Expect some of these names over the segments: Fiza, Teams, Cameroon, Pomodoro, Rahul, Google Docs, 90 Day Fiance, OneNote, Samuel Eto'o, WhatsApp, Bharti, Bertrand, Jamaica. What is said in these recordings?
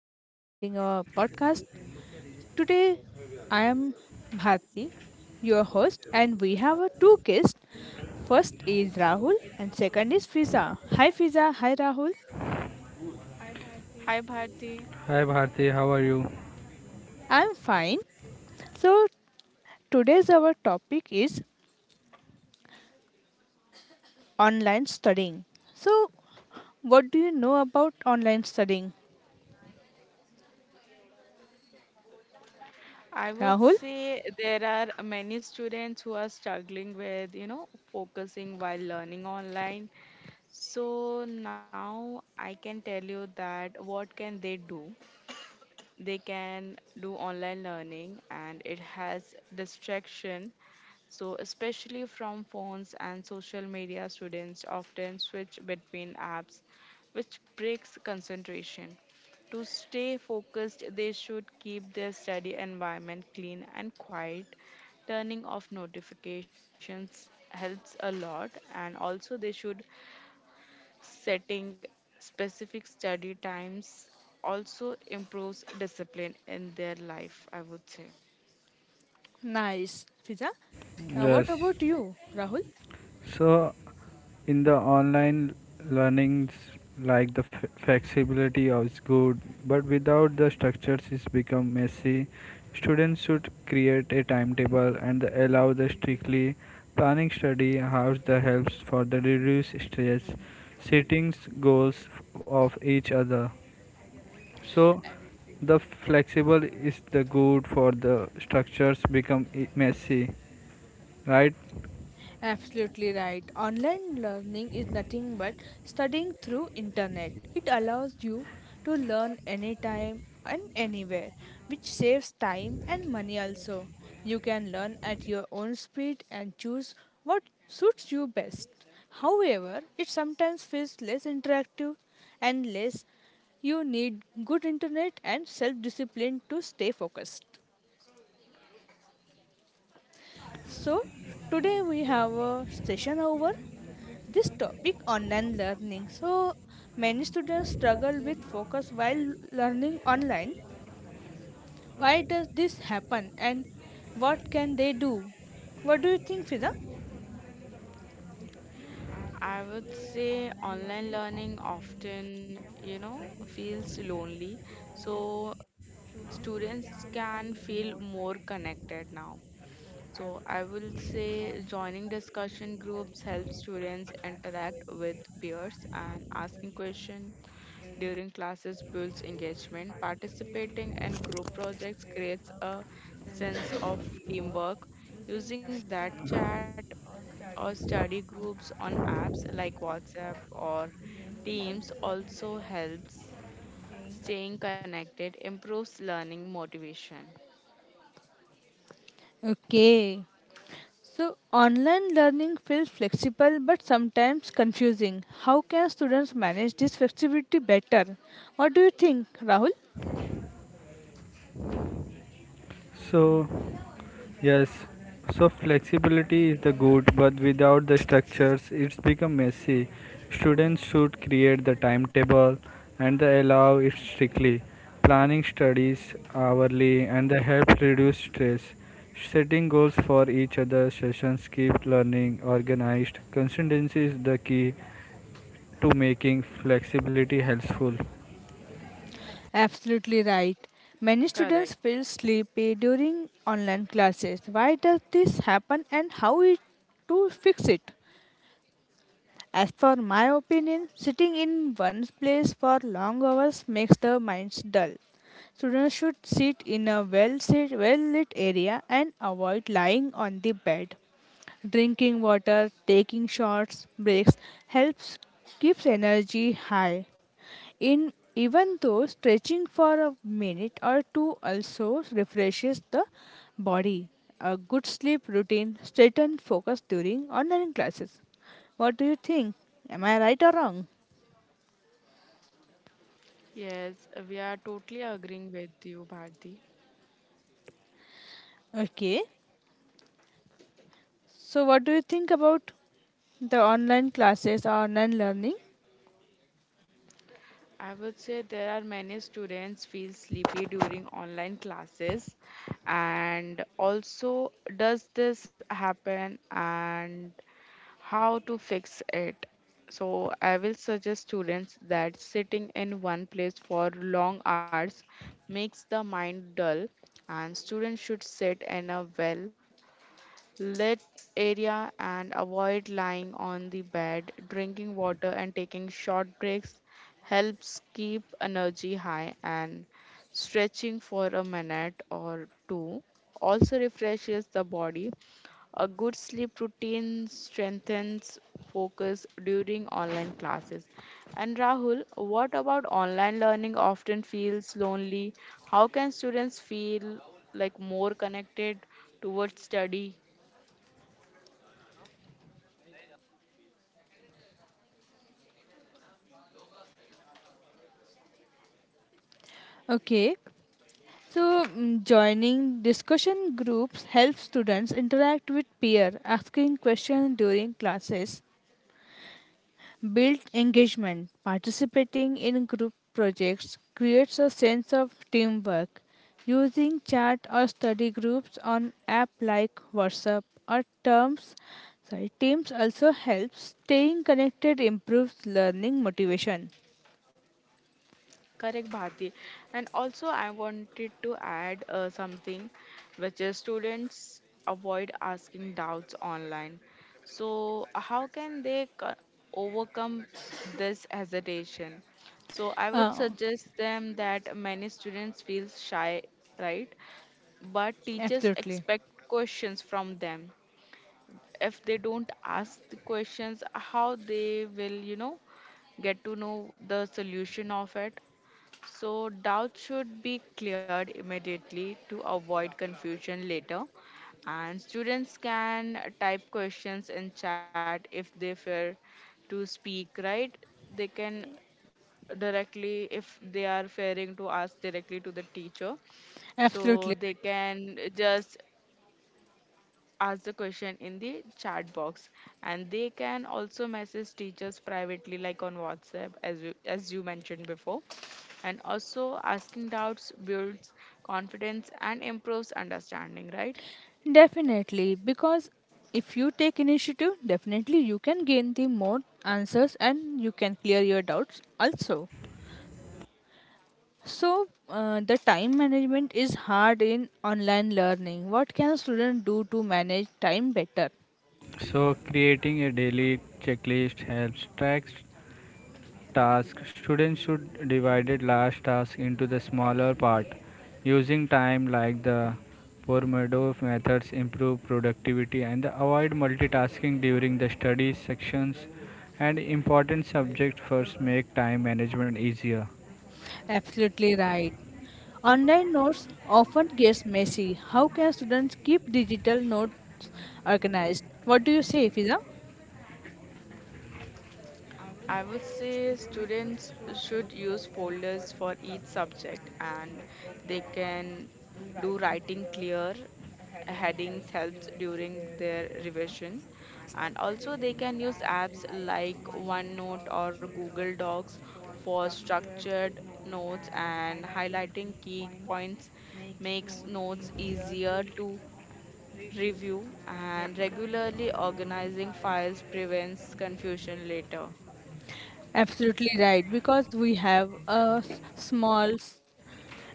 we are creating our podcast. Today, I am Bharti, your host, and we have our two guests. First is Rahul, and second is Fiza. Hi, Fiza. Hi, Rahul. Hi Bharti. Hi Bharti, how are you? I'm fine. So, today's our topic is online studying. So, what do you know about online studying, I would Rahul? say there are many students who are struggling with, you know, focusing while learning online. So now I can tell you that what can they do? They can do online learning and it has distraction. So, especially from phones and social media, students often switch between apps, which breaks concentration. To stay focused, they should keep their study environment clean and quiet. Turning off notifications helps a lot, and also they should setting specific study times also improves discipline in their life, I would say. Nice, Fiza. What Yes. about you, Rahul? So, in the online learnings, like the flexibility is good, but without the structures, it's become messy. Students should create a timetable and allow the strictly planning study hours the helps for the reduce stress, settings goals of each other. So the flexible is the good for the structures become messy, right. Absolutely right. Online learning is nothing but studying through internet. It allows you to learn anytime and anywhere, which saves time and money also. You can learn at your own speed and choose what suits you best. However, it sometimes feels less interactive and less you need good internet and self discipline to stay focused. So, today we have a session over this topic online learning. So, many students struggle with focus while learning online. Why does this happen and what can they do? What do you think, Fiza? I would say online learning often, you know, feels lonely. So students can feel more connected now. So I will say joining discussion groups helps students interact with peers, and asking questions during classes builds engagement. Participating in group projects creates a sense of teamwork. Using that chat or study groups on apps like WhatsApp or Teams also helps staying connected, improves learning motivation. Okay. So, online learning feels flexible but sometimes confusing. How can students manage this flexibility better? What do you think, Rahul? So, yes, so flexibility is the good, but without the structures, it's become messy. Students should create the timetable and they allow it strictly, planning studies hourly, and they help reduce stress. Setting goals for each other sessions keep learning organized. Consistency is the key to making flexibility helpful. Absolutely right. Many students Correct. feel sleepy during online classes. Why does this happen and how it to fix it? As for my opinion, sitting in one place for long hours makes the minds dull. Students should sit in a well lit area and avoid lying on the bed. Drinking water, taking short breaks helps keeps energy high. In even though stretching for a minute or two also refreshes the body. A good sleep routine strengthens focus during online classes. What do you think? Am I right or wrong? Yes, we are totally agreeing with you, Bharti. Okay. So what do you think about the online classes or online learning? I would say there are many students feel sleepy during online classes, and also does this happen and how to fix it. So I will suggest students that sitting in one place for long hours makes the mind dull, and students should sit in a well lit area and avoid lying on the bed. Drinking water and taking short breaks helps keep energy high, and stretching for a minute or two also refreshes the body. A good sleep routine strengthens focus during online classes. And Rahul, what about online learning often feels lonely? How can students feel like more connected towards study? Okay. So joining discussion groups helps students interact with peer asking questions during classes Build engagement. Participating in group projects creates a sense of teamwork. Using chat or study groups on app like WhatsApp or Terms, sorry, Teams also helps. Staying connected improves learning motivation. Correct, Bharti. And also, I wanted to add something, which is students avoid asking doubts online. So, how can they overcome this hesitation? So, I would Uh, suggest them that many students feel shy, right? But teachers absolutely, expect questions from them. If they don't ask the questions, how they will, you know, get to know the solution of it? So, doubts should be cleared immediately to avoid confusion later. And students can type questions in chat if they fear to speak, right? They can directly, if they are fearing to ask directly to the teacher. So, Absolutely they right. can just ask the question in the chat box, and they can also message teachers privately like on WhatsApp as you mentioned before. And also asking doubts builds confidence and improves understanding, right? Definitely, because if you take initiative, definitely you can gain the more answers and you can clear your doubts also. So, the time management is hard in online learning. What can students do to manage time better? So, creating a daily checklist helps track task, students should divide the large task into the smaller part. Using time like the Pomodoro methods improve productivity and avoid multitasking during the study sections and important subjects first make time management easier. Absolutely right. Online notes often gets messy. How can students keep digital notes organized? What do you say, Fiza? I would say students should use folders for each subject, and they can do writing clear headings helps during their revision. And also they can use apps like OneNote or Google Docs for structured notes, and highlighting key points makes notes easier to review, and regularly organizing files prevents confusion later. Absolutely right. Because we have a small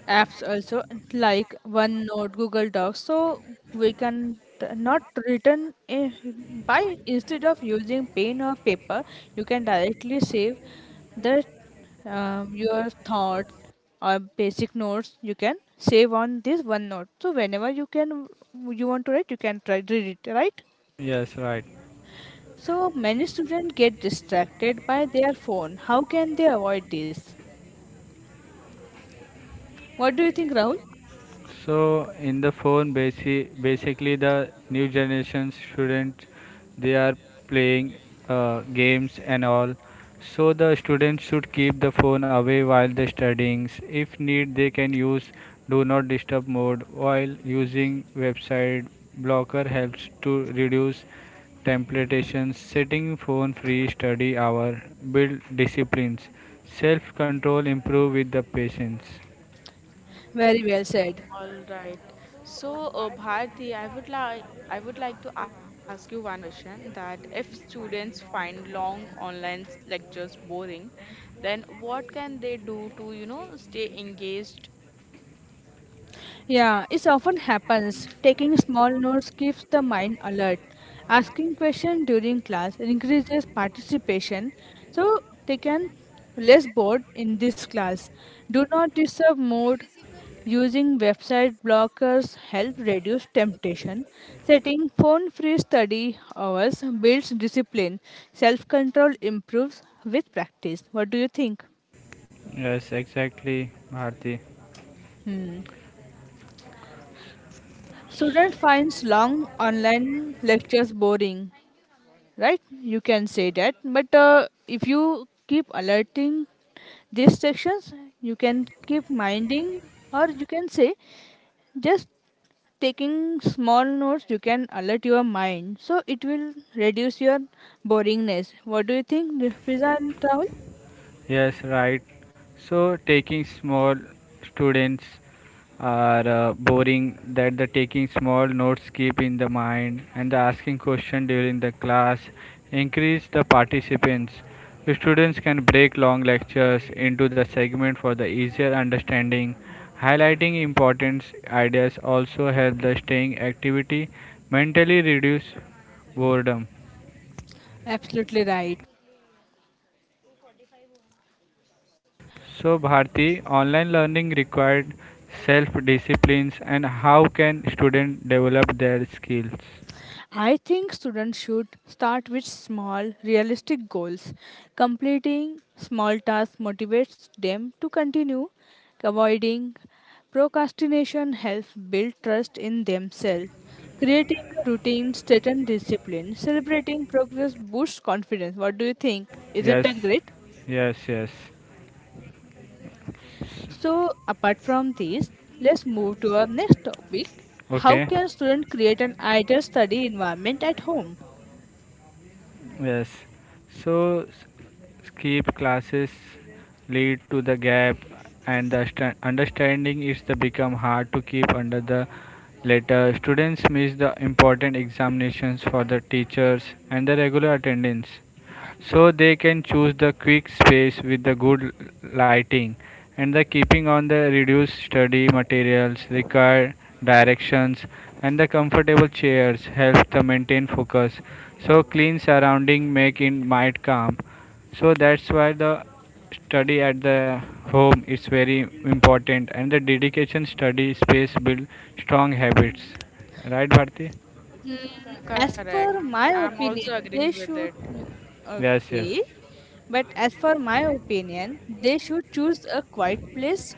apps also like OneNote, Google Docs, so we can not written by instead of using pen or paper, you can directly save the your thoughts or basic notes. You can save on this OneNote. So whenever you can you want to write, you can try read it right. Yes, right. So many students get distracted by their phone. How can they avoid this? What do you think, Rahul? So in the phone, basically the new generation students they are playing games and all. So the students should keep the phone away while they studying. If need, they can use do not disturb mode while using website blocker helps to reduce temptations. Setting phone free study hour build disciplines. Self control improve with the patience. Very well said. All right. So, Bharti, I would like to ask you one question that if students find long online lectures boring, then what can they do to, you know, stay engaged? Yeah, it often happens. Taking small notes keeps the mind alert. Asking questions during class increases participation, so they can less bored in this class. Do not disturb mode. Using website blockers help reduce temptation. Setting phone-free study hours builds discipline. Self-control improves with practice. What do you think? Yes, exactly, Bharti. Hmm. Student finds long online lectures boring. Right, you can say that, but if you keep alerting these sections you can keep minding, or you can say just taking small notes you can alert your mind, so it will reduce your boringness. What do you think, Fiza and travel? Yes, right. So taking small students are boring that the taking small notes keep in the mind and the asking question during the class increase the participants, students can break long lectures into the segment for the easier understanding, highlighting important ideas also help the staying activity mentally reduce boredom. Absolutely right. So, Bharti, online learning required self disciplines and how can students develop their skills? I think students should start with small, realistic goals. Completing small tasks motivates them to continue. Avoiding procrastination helps build trust in themselves. Creating a routine, certain discipline, celebrating progress boosts confidence. What do you think? Isn't Yes, that great? yes, yes. So, apart from these, let's move to our next topic. How Okay, can students create an ideal study environment at home? yes. So, s- skip classes lead to the gap and the understanding is the become hard to keep under the later students miss the important examinations for the teachers and the regular attendance, so they can choose the quick space with the good lighting and the keeping on the reduced study materials required directions and the comfortable chairs help the maintain focus, so clean surrounding make in mind calm. So that's why the study at the home is very important and the dedication study space build strong habits, right Bharti? Mm, as for Correct. my I'm opinion, also they agreeing with should. it. Yes, yes, Okay. But as for my opinion, they should choose a quiet place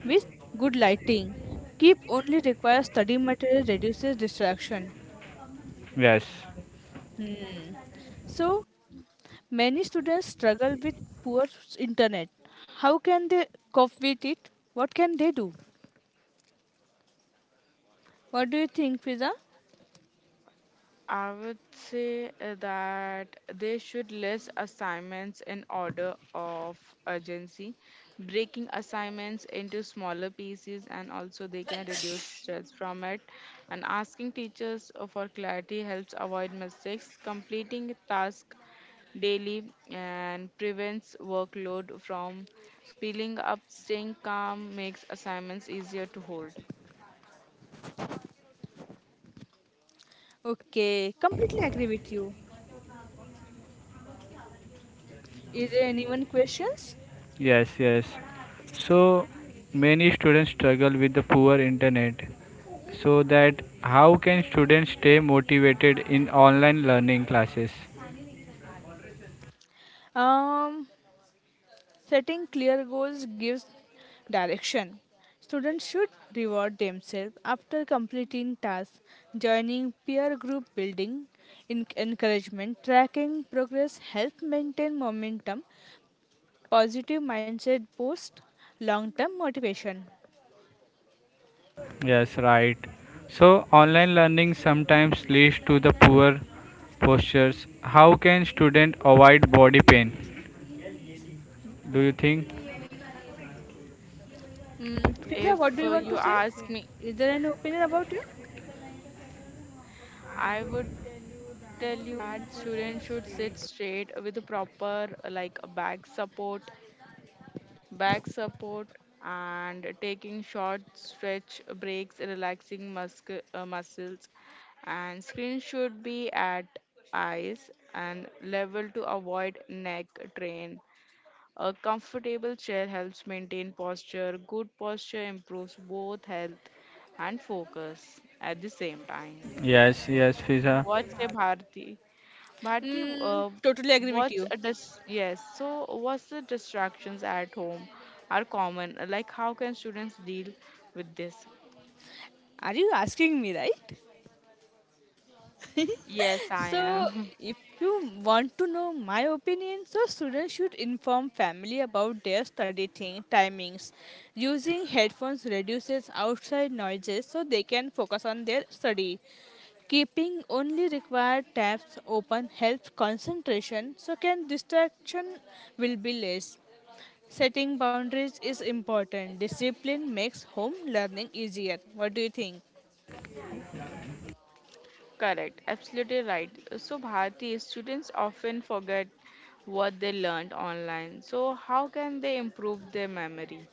with good lighting. Keep only requires study material reduces distraction. yes. Hmm. So many students struggle with poor internet. How can they cope with it? What can they do? What do you think, Fiza? I would say that they should list assignments in order of urgency, breaking assignments into smaller pieces, and also they can reduce stress from it. And asking teachers for clarity helps avoid mistakes. Completing tasks daily and prevents workload from piling up. Staying calm makes assignments easier to hold. Okay, completely agree with you. Is there anyone questions? Yes, yes. So many students struggle with the poor internet. So that how can students stay motivated in online learning classes? Um, Setting clear goals gives direction. Students should reward themselves after completing tasks, joining peer group building, encouragement, tracking progress help maintain momentum, positive mindset boost, long term motivation. Yes, right. So online learning sometimes leads to the poor postures. How can student avoid body pain? Do you think? Fiza, what do you If want to say? you ask me, Is there any opinion about you? I would tell you that students should sit straight with the proper like a back support, and taking short stretch breaks, relaxing muscles, and screen should be at eyes and level to avoid neck strain. A comfortable chair helps maintain posture. Good posture improves both health and focus at the same time. Yes, yes, Fiza. What say, Bharti? Bharti, uh, Totally agree with what's you. a dis- yes? So, what's the distractions at home are common? Like, how can students deal with this? Are you asking me, right? Yes, I So, am. if you want to know my opinion, so students should inform family about their study timings. Using headphones reduces outside noises so they can focus on their study. Keeping only required tabs open helps concentration so can distraction will be less. Setting boundaries is important. Discipline makes home learning easier. What do you think? Correct. Absolutely right. So, Bharti, students often forget what they learned online. So, how can they improve their memory?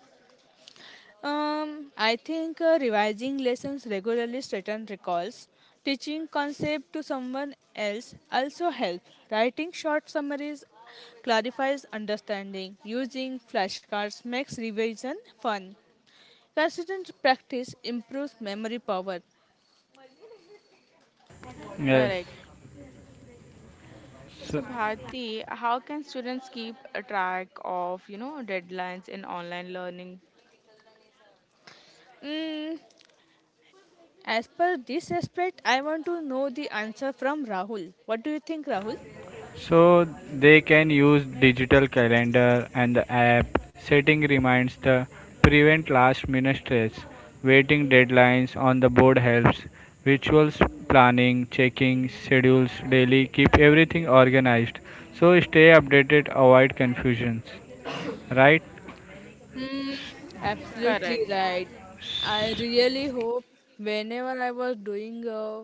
I think revising lessons regularly strengthens recalls. Teaching concept to someone else also helps. Writing short summaries clarifies understanding. Using flashcards makes revision fun. Consistent practice improves memory power. Yes. Correct. So, So Bharti, how can students keep a track of, you know, deadlines in online learning? Mm, as per this aspect, I want to know the answer from Rahul. What do you think, Rahul? so they can use digital calendar and the app setting reminds the prevent last minute stress. Waiting deadlines on the board helps. Rituals planning, checking schedules daily keep everything organized. So stay updated, avoid confusions. Right? Absolutely Correct. right. I really hope whenever I was doing a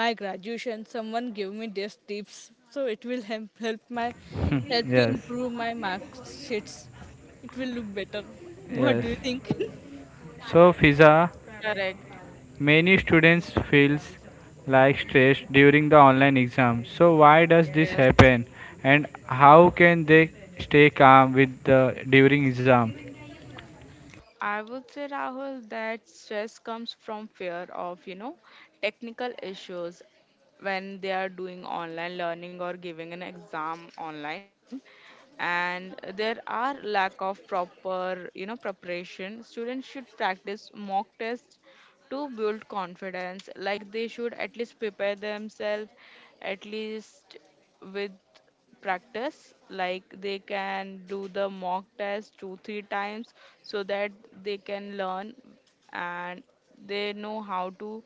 my graduation someone gave me these tips so it will help my help to Yes. improve my marks sheets it will look better. What do Yes. you think? So Fiza, Correct. many students feels like stress during the online exam. So why does this Yes. happen and how can they stay calm with the during exam? I would say, Rahul, that stress comes from fear of, you know, technical issues when they are doing online learning or giving an exam online. And there are lack of proper, you know, preparation. Students should practice mock tests to build confidence. Like they should at least prepare themselves at least with practice, like they can do the mock test 2 3 times so that they can learn, and they know how to,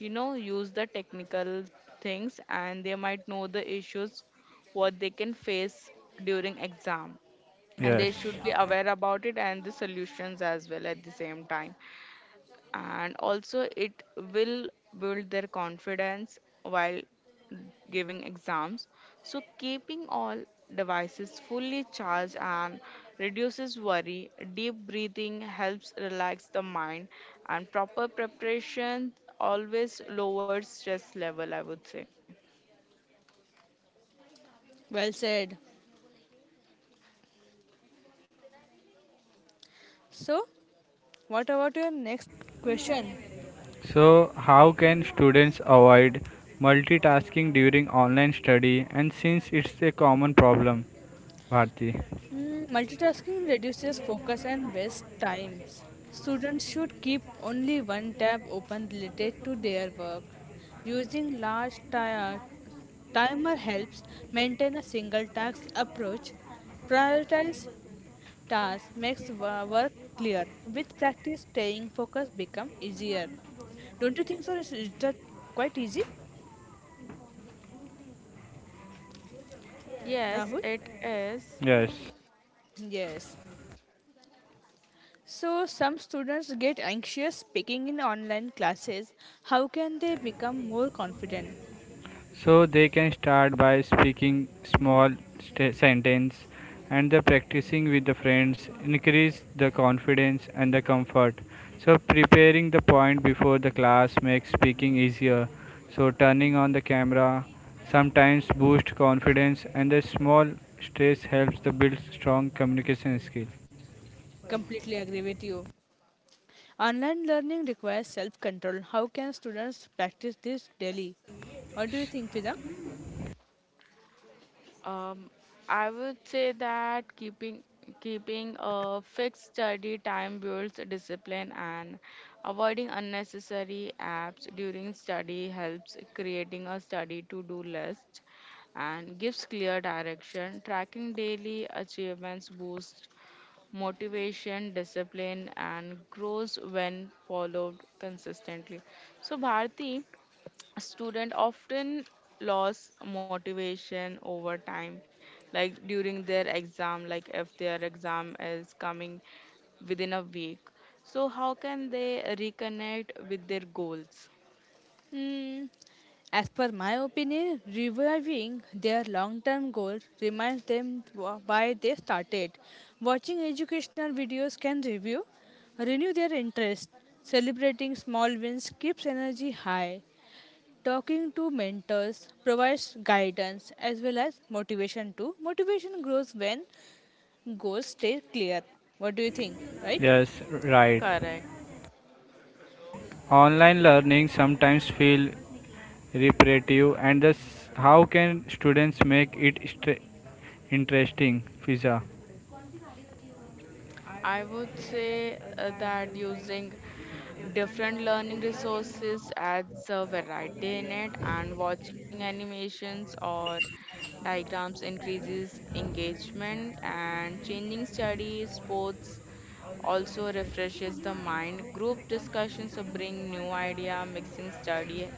you know, use the technical things, and they might know the issues what they can face during exam, and Yes. they should be aware about it and the solutions as well at the same time. And also it will build their confidence while giving exams. So, keeping all devices fully charged and reduces worry. Deep breathing helps relax the mind, and proper preparation always lowers stress level, I would say. Well said. So what about your next question? So how can students avoid multitasking during online study and since it's a common problem, Bharti? Hmm, multitasking reduces focus and waste times. Students should keep only one tab open related to their work, using large timer helps maintain a single task approach, prioritize task makes work clear. With practice, staying focused become easier. Don't you think so? Is that quite easy, Yes, Rahul? it is. Yes. Yes. So some students get anxious speaking in online classes. How can they become more confident? So they can start by speaking small sentence and the practicing with the friends increase the confidence and the comfort. So preparing the point before the class makes speaking easier. So turning on the camera sometimes boost confidence and the small stress helps to build strong communication skills. Completely agree with you. Online learning requires self-control. How can students practice this daily? What do you think, Vida? Um, I would say that keeping a fixed study time builds discipline, and avoiding unnecessary apps during study helps creating a study to-do list and gives clear direction. Tracking daily achievements boosts motivation, discipline, and grows when followed consistently. So, Bharti, student often lose motivation over time, like during their exam, like if their exam is coming within a week, so how can they reconnect with their goals? Mm, As per my opinion, reviving their long term goals reminds them why they started. Watching educational videos can review, renew their interest. Celebrating small wins keeps energy high. Talking to mentors provides guidance as well as motivation too. Motivation grows when goals stay clear. What do you think, right? Yes, right. Correct. Online learning sometimes feel repetitive and thus how can students make it interesting, Fiza? I would say that using different learning resources adds a variety in it, and watching animations or diagrams increases engagement, and changing study sports also refreshes the mind. Group discussions bring new idea, mixing study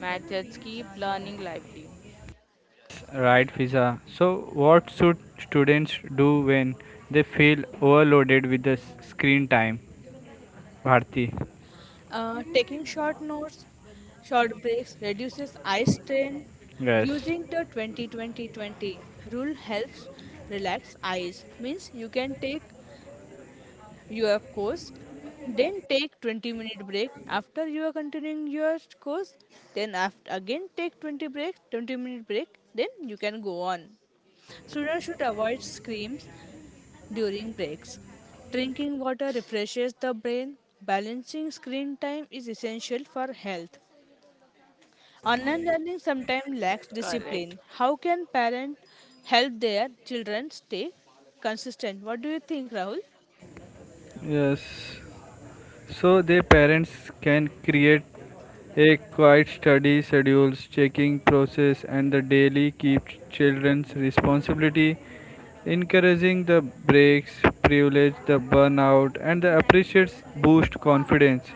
methods, keep learning lively. Right Fiza. So what should students do when they feel overloaded with the screen time? Bharti. Taking short notes, short breaks reduces eye strain. Yes. Using the 20 20 20 rule helps relax eyes. Means you can take your course, then take 20-minute break after you are continuing your course. Then after again take 20 break, 20-minute break. Then you can go on. Students should avoid screens during breaks. Drinking water refreshes the brain. Balancing screen time is essential for health. Online learning sometimes lacks Correct, discipline. How can parents help their children stay consistent? What do you think, Rahul? Yes, so the parents can create a quiet study schedules, checking process and the daily keep children's responsibility, encouraging the breaks, privilege the burnout and the appreciates boost confidence.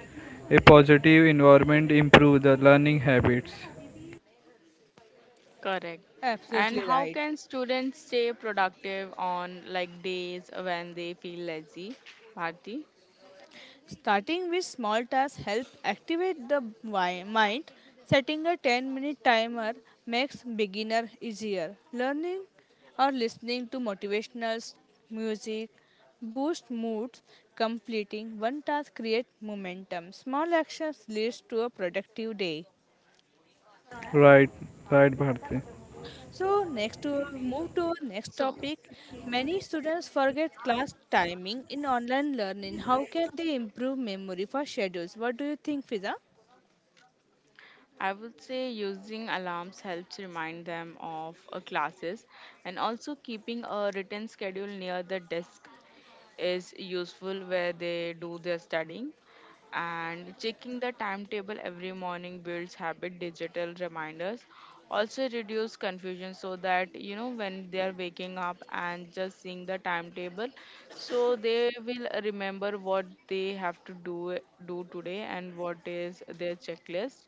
A positive environment improve the learning habits. correct. And Absolutely how right. can students stay productive on like days when they feel lazy, Bharti? Starting with small tasks help activate the mind. Setting a 10-minute timer makes beginner easier. Learning or listening to motivational music boost moods. Completing one task create momentum. Small actions leads to a productive day. Right, right, Bharti. So next to move to our So, next topic. Many students forget class timing in online learning. How can they improve memory for schedules? What do you think, Fiza? I would say using alarms helps remind them of classes, and also keeping a written schedule near the desk is useful where they do their studying, and checking the timetable every morning builds habit. Digital reminders also reduce confusion, so that, you know, when they are waking up and just seeing the timetable, so they will remember what they have to do today and what is their checklist.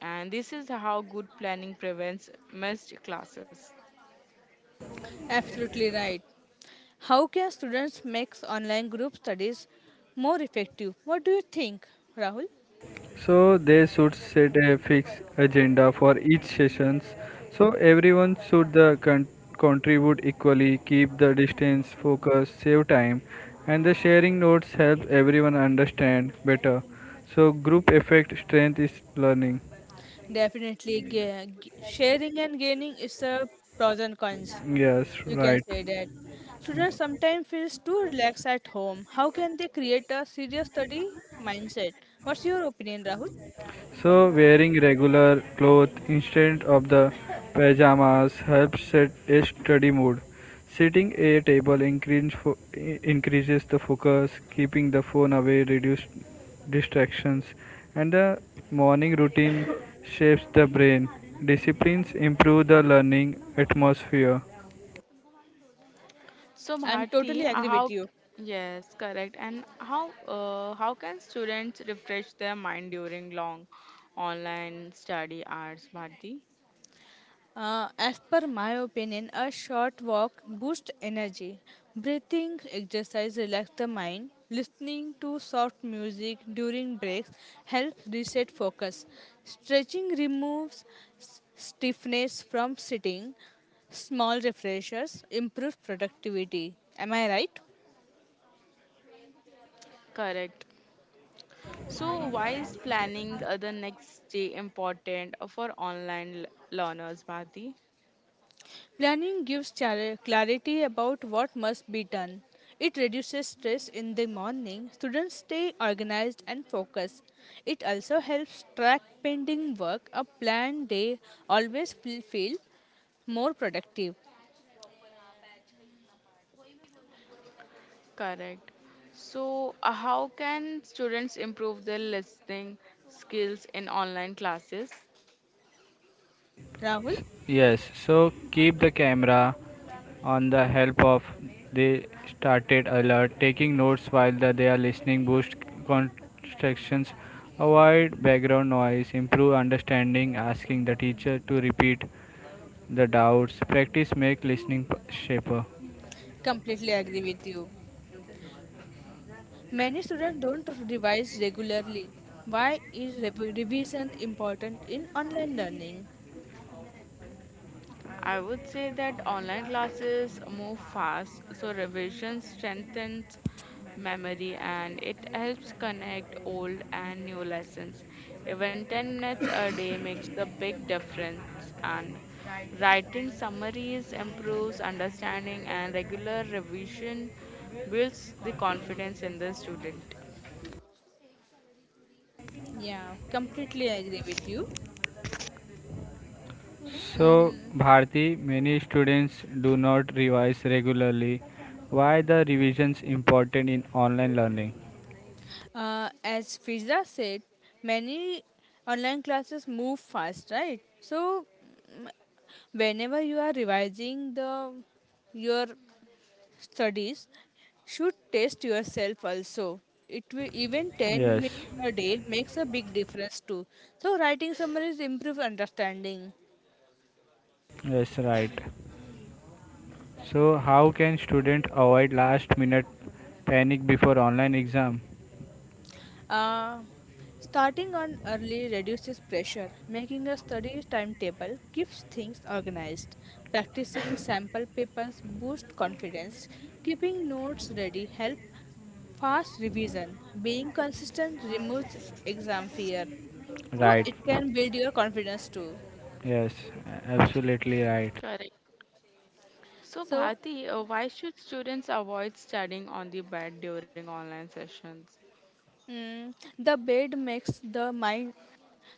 And this is how good planning prevents missed classes. Absolutely right. How can students make online group studies more effective? What do you think, Rahul? So they should set a fixed agenda for each sessions. So everyone should contribute equally, keep the distance, focus, save time, and the sharing notes help everyone understand better. So group effect strength is learning. Definitely, sharing and gaining is the pros and cons. Yes, You can right. say that. Students sometimes feel too relaxed at home. How can they create a serious study mindset? What's your opinion, Rahul? So, wearing regular clothes instead of the pajamas helps set a study mood. Sitting at a table increases the focus, keeping the phone away reduces distractions, and the morning routine shapes the brain. Disciplines improve the learning atmosphere. So I'm Bharti, totally agree with how you. yes, correct. And how can students refresh their mind during long online study hours, Bharti? As per my opinion, a short walk boosts energy. Breathing exercise relax the mind. Listening to soft music during breaks helps reset focus. Stretching removes stiffness from sitting. Small refreshers improve productivity. Am I right? Correct. So why is planning the next day important for online learners, Bharti? Planning gives clarity about what must be done. It reduces stress in the morning. Students stay organized and focused. It also helps track pending work. A planned day always will feel more productive. Correct. So how can students improve their listening skills in online classes? Rahul, Yes, so keep the camera on the help of they started alert taking notes while they are listening boost constructions, avoid background noise improve understanding, asking the teacher to repeat the doubts practice make listening shaper. completely agree with you. Many students don't revise regularly. Why is revision important in online learning? I would say that online classes move fast, so revision strengthens memory, and it helps connect old and new lessons. Even 10 minutes a day makes a big difference, and writing summaries improves understanding, and regular revision builds the confidence in the student. Yeah, completely agree with you. So Mhm. Bharti, many students do not revise regularly, why the revisions important in online learning? As Fiza said, many online classes move fast, right? So whenever you are revising the your studies, should test yourself also. It will even 10 Yes, minutes a day makes a big difference too. So writing summaries improve understanding. yes, right. So, how can student avoid last minute panic before online exam? Uh, Starting on early reduces pressure. Making a study timetable keeps things organized. Practicing sample papers boosts confidence. Keeping notes ready helps fast revision. Being consistent removes exam fear. So Right. it can build your confidence too. Yes, absolutely right. Correct. So, So Bharti, why should students avoid studying on the bed during online sessions? The bed makes the mind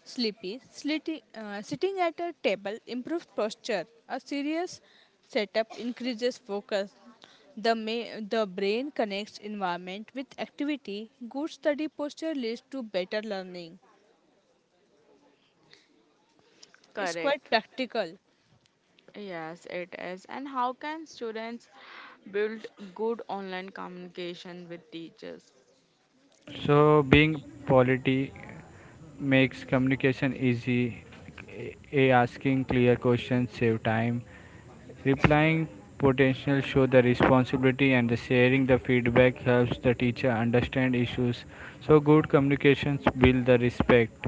sleepy. Slitty, sitting at a table improves posture. A serious setup increases focus. The brain connects environment with activity. Good study posture leads to better learning. It's quite Correct. practical. Yes, it is. And how can students build good online communication with teachers? So, being polite makes communication easy. A asking clear questions save time. Replying potential show the responsibility and the sharing the feedback helps the teacher understand issues. So, good communications build the respect.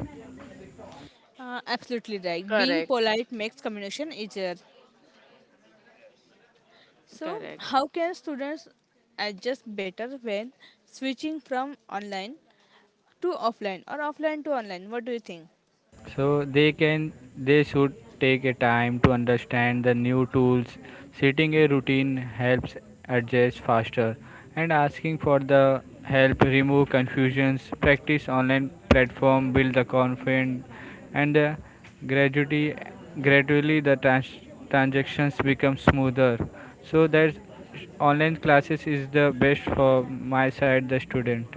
Absolutely right. Being Correct. polite makes communication easier. Correct. So, how can students adjust better when switching from online to offline or offline to online? What do you think? So they should take a time to understand the new tools. Setting a routine helps adjust faster and asking for the help remove confusions. Practice online platform build the confidence and the gradually gradually the transactions become smoother. So that online classes is the best for my side the student.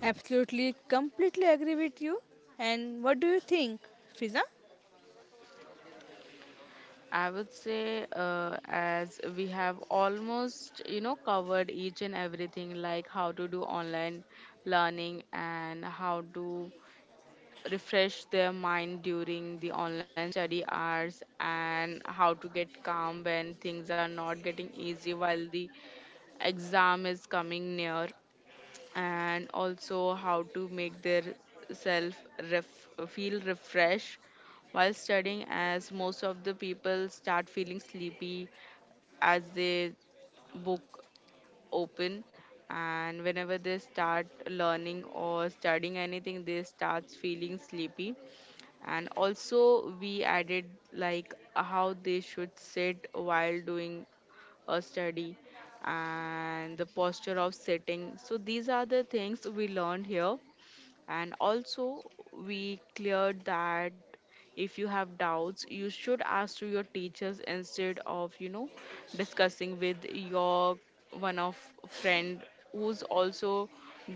Absolutely, completely agree with you. And what do you think, Fiza? I would say, as we have almost, you know, covered each and everything, like how to do online learning, and how to refresh their mind during the online study hours, and how to get calm when things are not getting easy while the exam is coming near, and also how to make their self feel refreshed while studying, as most of the people start feeling sleepy as they book open, and whenever they start learning or studying anything they starts feeling sleepy. And also we added like how they should sit while doing a study and the posture of sitting. So these are the things we learned here. And also we cleared that if you have doubts you should ask to your teachers instead of, you know, discussing with your one of friend who's also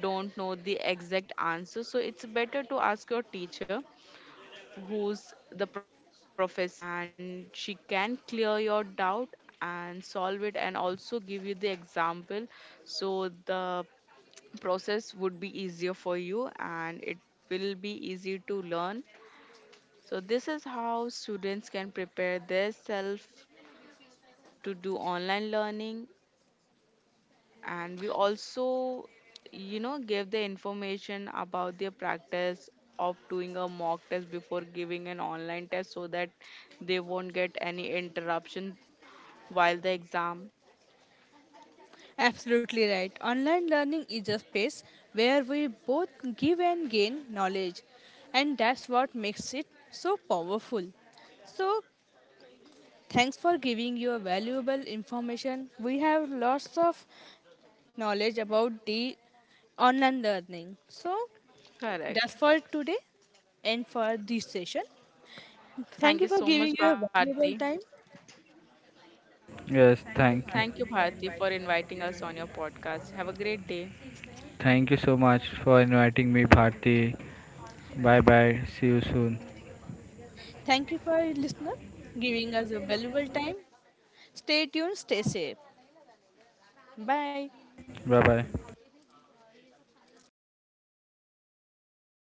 don't know the exact answer. So it's better to ask your teacher who's the professor, and she can clear your doubt and solve it, and also give you the example. So the process would be easier for you, and it will be easy to learn. So this is how students can prepare themselves to do online learning. And we also, you know, gave the information about their practice of doing a mock test before giving an online test, so that they won't get any interruption while the exam. Absolutely right. Online learning is a space where we both give and gain knowledge, and that's what makes it so powerful. So, thanks for giving your valuable information. We have lots of knowledge about the online learning. So, that's Correct. for today and for this session. Thank Thank you you for so much, giving your Bharti. valuable time. Yes, thank Thank you, you. Bharti, for inviting us on your podcast. Have a great day. Thank you so much for inviting me Bharti. Bye bye. See you soon. Thank you for listener giving us a valuable time. Stay tuned, stay safe. Bye. Bye bye. Hi.